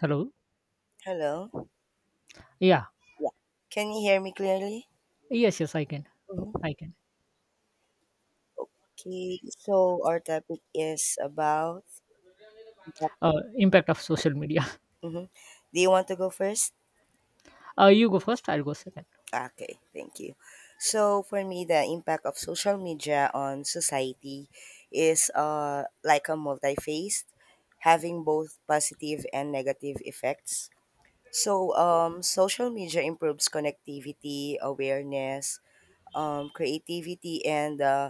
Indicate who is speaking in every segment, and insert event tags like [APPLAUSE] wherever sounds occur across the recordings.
Speaker 1: Hello?
Speaker 2: Hello.
Speaker 1: Yeah.
Speaker 2: Yeah. Can you hear me clearly?
Speaker 1: Yes, yes, I can.
Speaker 2: Mhm.
Speaker 1: I can.
Speaker 2: Okay. So our topic is about.
Speaker 1: Impact of social media. [LAUGHS]
Speaker 2: Mhm. Do you want to go first?
Speaker 1: You go first, I'll go second.
Speaker 2: Okay. Thank you. So for me, the impact of social media on society is like a multi-faced, having both positive and negative effects. Social media improves connectivity, awareness, creativity, and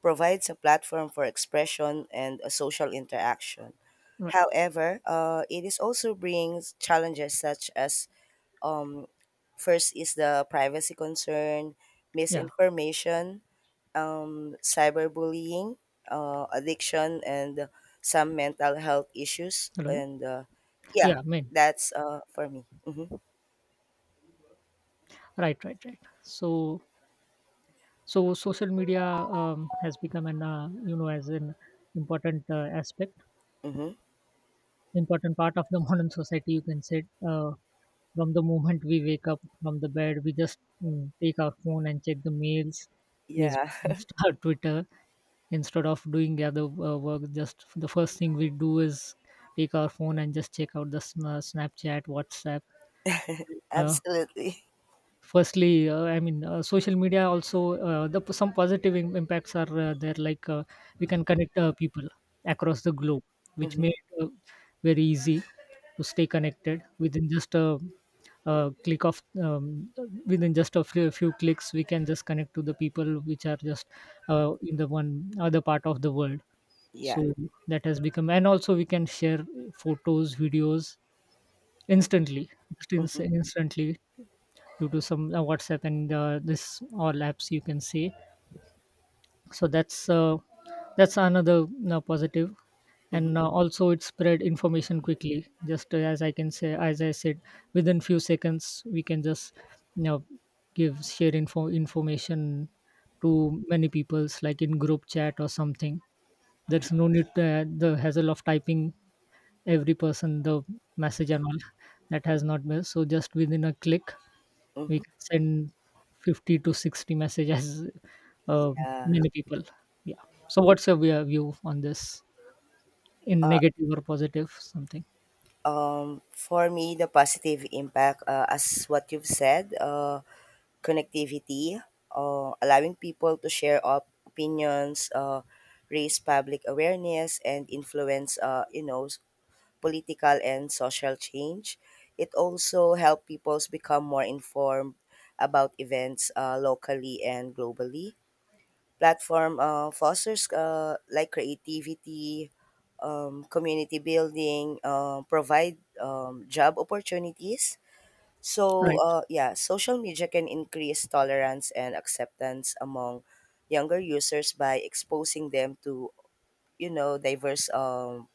Speaker 2: provides a platform for expression and a social interaction.
Speaker 1: Right.
Speaker 2: However, it is also brings challenges such as um, first is the privacy concern,
Speaker 1: Yeah.
Speaker 2: misinformation, cyberbullying, addiction, and some mental health issues.
Speaker 1: Hello?
Speaker 2: And Yeah,
Speaker 1: Yeah, man.
Speaker 2: that's for me.
Speaker 1: Right, right, right. So social media has become an, you know, as an important aspect,
Speaker 2: Hmm
Speaker 1: important part of the [LAUGHS] modern society, you can say. From the moment we wake up from the bed, we just take our phone and check the mails,
Speaker 2: Yeah,
Speaker 1: Facebook, Insta, [LAUGHS] Twitter, instead of doing other work just the first thing we do is take our phone and just check out Snapchat, WhatsApp.
Speaker 2: [LAUGHS]
Speaker 1: Uh,
Speaker 2: absolutely.
Speaker 1: firstly I mean Social media also, some positive impacts are there, like we can connect people across the globe, which
Speaker 2: hmm
Speaker 1: made very easy to stay connected within just a click of within just a few clicks we can just connect to the people which are just in the one other part of the world.
Speaker 2: Yeah.
Speaker 1: So that has become, and also we can share photos, videos instantly, just
Speaker 2: hmm
Speaker 1: instantly due to some WhatsApp and this all apps you can see. So that's uh, that's another positive,
Speaker 2: hmm
Speaker 1: and also it spread information quickly. Just as I can say, as I said, within few seconds we can just you know give share info information to many people's, like in group chat or something. There's no need to, the hassle of typing every person the message and all that has not been, so just within a click we
Speaker 2: hmm
Speaker 1: can send 50 to 60 messages [LAUGHS] uh,
Speaker 2: Yeah.
Speaker 1: many people, yeah. So what's your view on this, in negative or positive something?
Speaker 2: For me, the positive impact, as what you've said, connectivity, allowing people to share opinions, raise public awareness, and influence, you know, political and social change. It also help people become more informed about events locally and globally. Platform fosters like creativity, community building, provide job opportunities. So,
Speaker 1: Right,
Speaker 2: yeah, social media can increase tolerance and acceptance among younger users by exposing them to, you know, diverse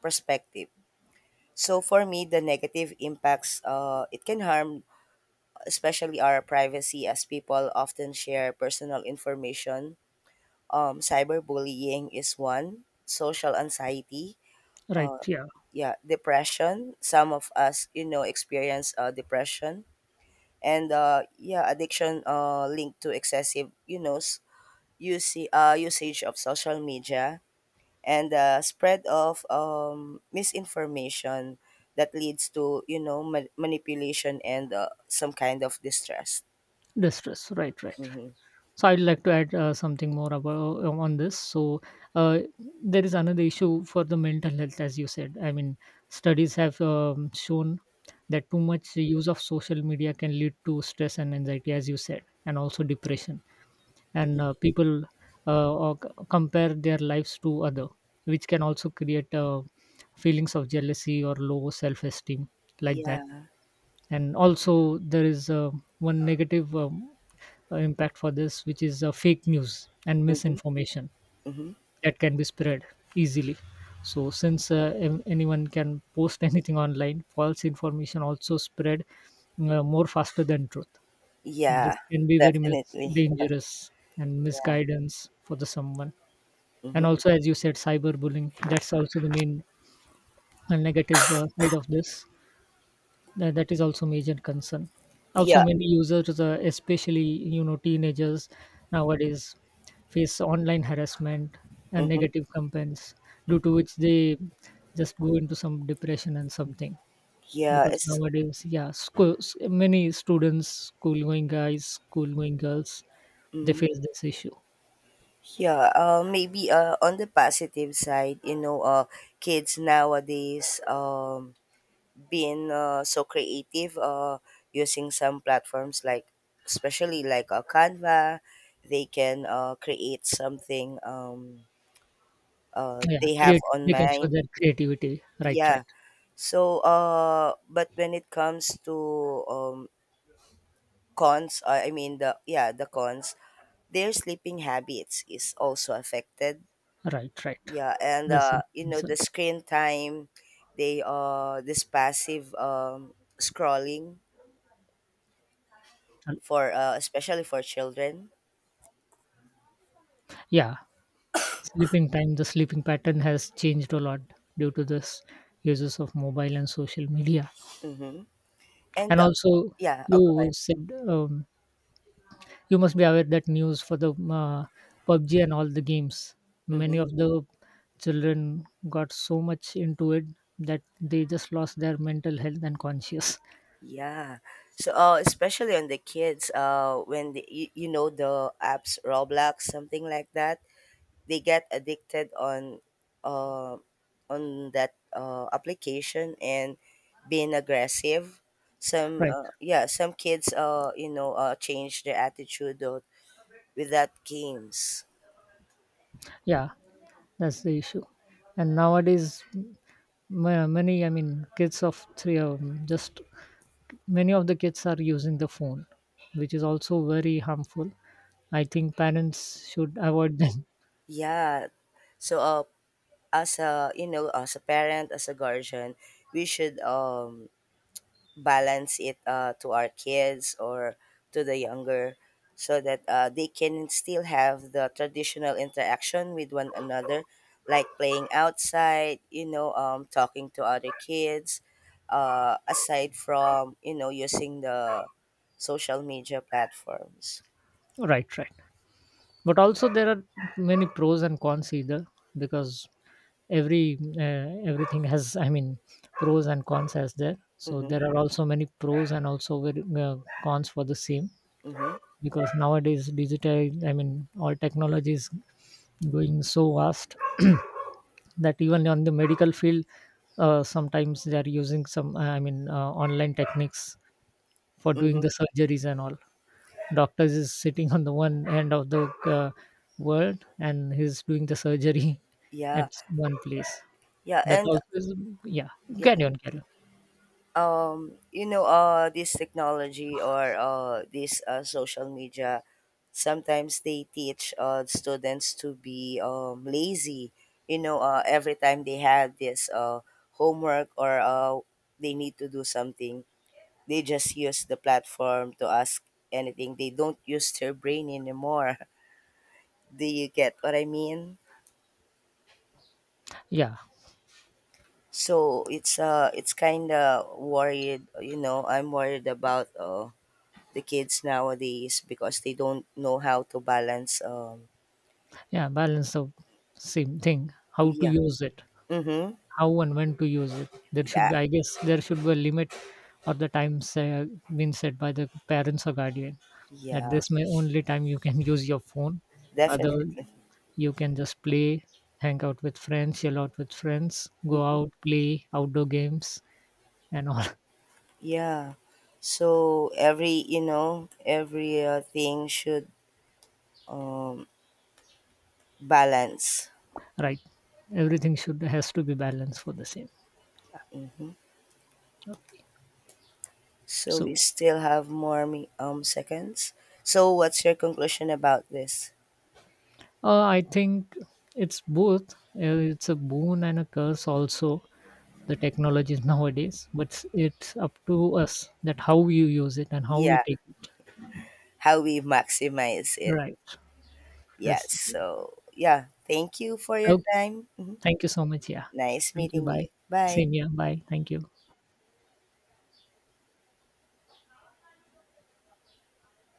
Speaker 2: perspective. So for me, the negative impacts it can harm, especially our privacy, as people often share personal information. Cyberbullying is one. Social anxiety,
Speaker 1: right,
Speaker 2: uh,
Speaker 1: yeah.
Speaker 2: yeah, depression, some of us you know experience depression and yeah, addiction linked to excessive you know usage of social media and the spread of misinformation that leads to you know manipulation and some kind of distress.
Speaker 1: Distress, right, right.
Speaker 2: Mm-hmm.
Speaker 1: So I'd like to add something more about on this. So uh, there is another issue for the mental health, as you said. I mean, studies have shown that too much use of social media can lead to stress and anxiety, as you said, and also depression. And people compare their lives to other, which can also create feelings of jealousy or low self-esteem, like that.
Speaker 2: Yeah.
Speaker 1: And also there is one negative. Impact for this, which is fake news and
Speaker 2: Mm-hmm.
Speaker 1: misinformation
Speaker 2: Mm-hmm.
Speaker 1: that can be spread easily. So, since anyone can post [LAUGHS] anything online, false information also spread more faster than truth. This
Speaker 2: Yeah.
Speaker 1: can be very
Speaker 2: Definitely.
Speaker 1: dangerous and
Speaker 2: Yeah.
Speaker 1: misguidance for the someone. And
Speaker 2: Mm-hmm.
Speaker 1: also, as you said, cyberbullying. That's also the main negative side of this, that is also major concern. Also
Speaker 2: Yeah.
Speaker 1: many users especially you know teenagers nowadays face online harassment and
Speaker 2: Mm-hmm.
Speaker 1: negative campaigns, due to which they just go into some depression and something.
Speaker 2: Yeah,
Speaker 1: Because
Speaker 2: it's.
Speaker 1: nowadays, yeah, schools, many students, school going guys, school going girls, they
Speaker 2: Mm-hmm.
Speaker 1: face this issue.
Speaker 2: Yeah, maybe on the positive side, you know, kids nowadays being so creative using some platforms like, especially like Canva, they can create something
Speaker 1: Yeah,
Speaker 2: they have
Speaker 1: create,
Speaker 2: on
Speaker 1: they can show
Speaker 2: mind.
Speaker 1: their creativity, right,
Speaker 2: Yeah.
Speaker 1: right.
Speaker 2: So, but when it comes to cons, I mean the yeah the cons, their sleeping habits is also affected.
Speaker 1: Right, right.
Speaker 2: Yeah, and
Speaker 1: That's a
Speaker 2: you know the
Speaker 1: concern.
Speaker 2: screen time, they this passive scrolling for especially for children.
Speaker 1: Yeah. Sleeping time, the sleeping pattern has changed a lot due to this uses of mobile and social media.
Speaker 2: Mm-hmm. And
Speaker 1: And also,
Speaker 2: yeah, I'll go
Speaker 1: you
Speaker 2: ahead.
Speaker 1: said, you must be aware that news for the PUBG and all the games,
Speaker 2: Mm-hmm.
Speaker 1: many of the children got so much into it that they just lost their mental health and conscious. [LAUGHS]
Speaker 2: Yeah. So especially on the kids when you know the apps Roblox something like that, they get addicted uh, on that application and being aggressive, some
Speaker 1: Right.
Speaker 2: yeah some kids change their attitude though with that games.
Speaker 1: Yeah, that's the issue. And nowadays, many, I mean, kids of three, just many of the kids are using the phone, which is also very harmful. I think parents should avoid them.
Speaker 2: Yeah, so as a you know as a parent as a guardian, we should balance it to our kids or to the younger, so that they can still have the traditional interaction with one another, like playing outside you know talking to other kids, aside from you know using the social media platforms.
Speaker 1: [LAUGHS] Right, right. But also there are many pros and cons either, because every everything has, I mean, pros and cons as there. So
Speaker 2: Mm-hmm.
Speaker 1: there are also many pros and also very, cons for the same,
Speaker 2: Mm-hmm.
Speaker 1: because nowadays digital, I mean all technology is going so fast [CLEARS THROAT] that even on the medical field, sometimes they are using some online techniques for
Speaker 2: Mm-hmm.
Speaker 1: doing the surgeries and all. Doctors is sitting on the one end of the world and he's doing the surgery [LAUGHS]
Speaker 2: Yeah.
Speaker 1: at one place.
Speaker 2: Yeah,
Speaker 1: That
Speaker 2: and
Speaker 1: also is, yeah,
Speaker 2: yeah,
Speaker 1: carry on.
Speaker 2: you know this technology or this social media sometimes they teach students to be lazy, you know every time they have this homework or they need to do something, they just use the platform to ask anything, they don't use their brain anymore. [LAUGHS] Do you get what I mean?
Speaker 1: Yeah.
Speaker 2: So it's kind of worried, you know, I'm worried about the kids nowadays because they don't know how to balance.
Speaker 1: Yeah, balance of same thing, how to
Speaker 2: Yeah.
Speaker 1: use it,
Speaker 2: Mhm.
Speaker 1: how and when to use it. There should
Speaker 2: Yeah.
Speaker 1: be, I guess, there should be a limit or the time say, been set by the parents or guardian, that
Speaker 2: Yeah.
Speaker 1: this may only time you can use your phone. Other,
Speaker 2: Definitely. [LAUGHS]
Speaker 1: you can just play, hang out with friends, chill out with friends, go
Speaker 2: Mhm.
Speaker 1: out, play outdoor games and all.
Speaker 2: Yeah. So every, you know, every thing should um balance.
Speaker 1: [LAUGHS] Right, everything should has to be balanced for the same.
Speaker 2: Mhm.
Speaker 1: Okay.
Speaker 2: So we
Speaker 1: so
Speaker 2: still have more seconds. So what's your conclusion about this?
Speaker 1: I think it's both, it's a boon and a curse also, the technologies nowadays, but it's up to us that how you use it and how we
Speaker 2: Yeah,
Speaker 1: take it.
Speaker 2: how we maximize it.
Speaker 1: Right.
Speaker 2: Yes.
Speaker 1: That's
Speaker 2: So, yeah, thank you for your
Speaker 1: okay.
Speaker 2: time. Mhm.
Speaker 1: Thank you so much. Yeah.
Speaker 2: Nice
Speaker 1: Thank you.
Speaker 2: meeting
Speaker 1: Bye.
Speaker 2: you. Bye.
Speaker 1: Same here. Bye. Thank you.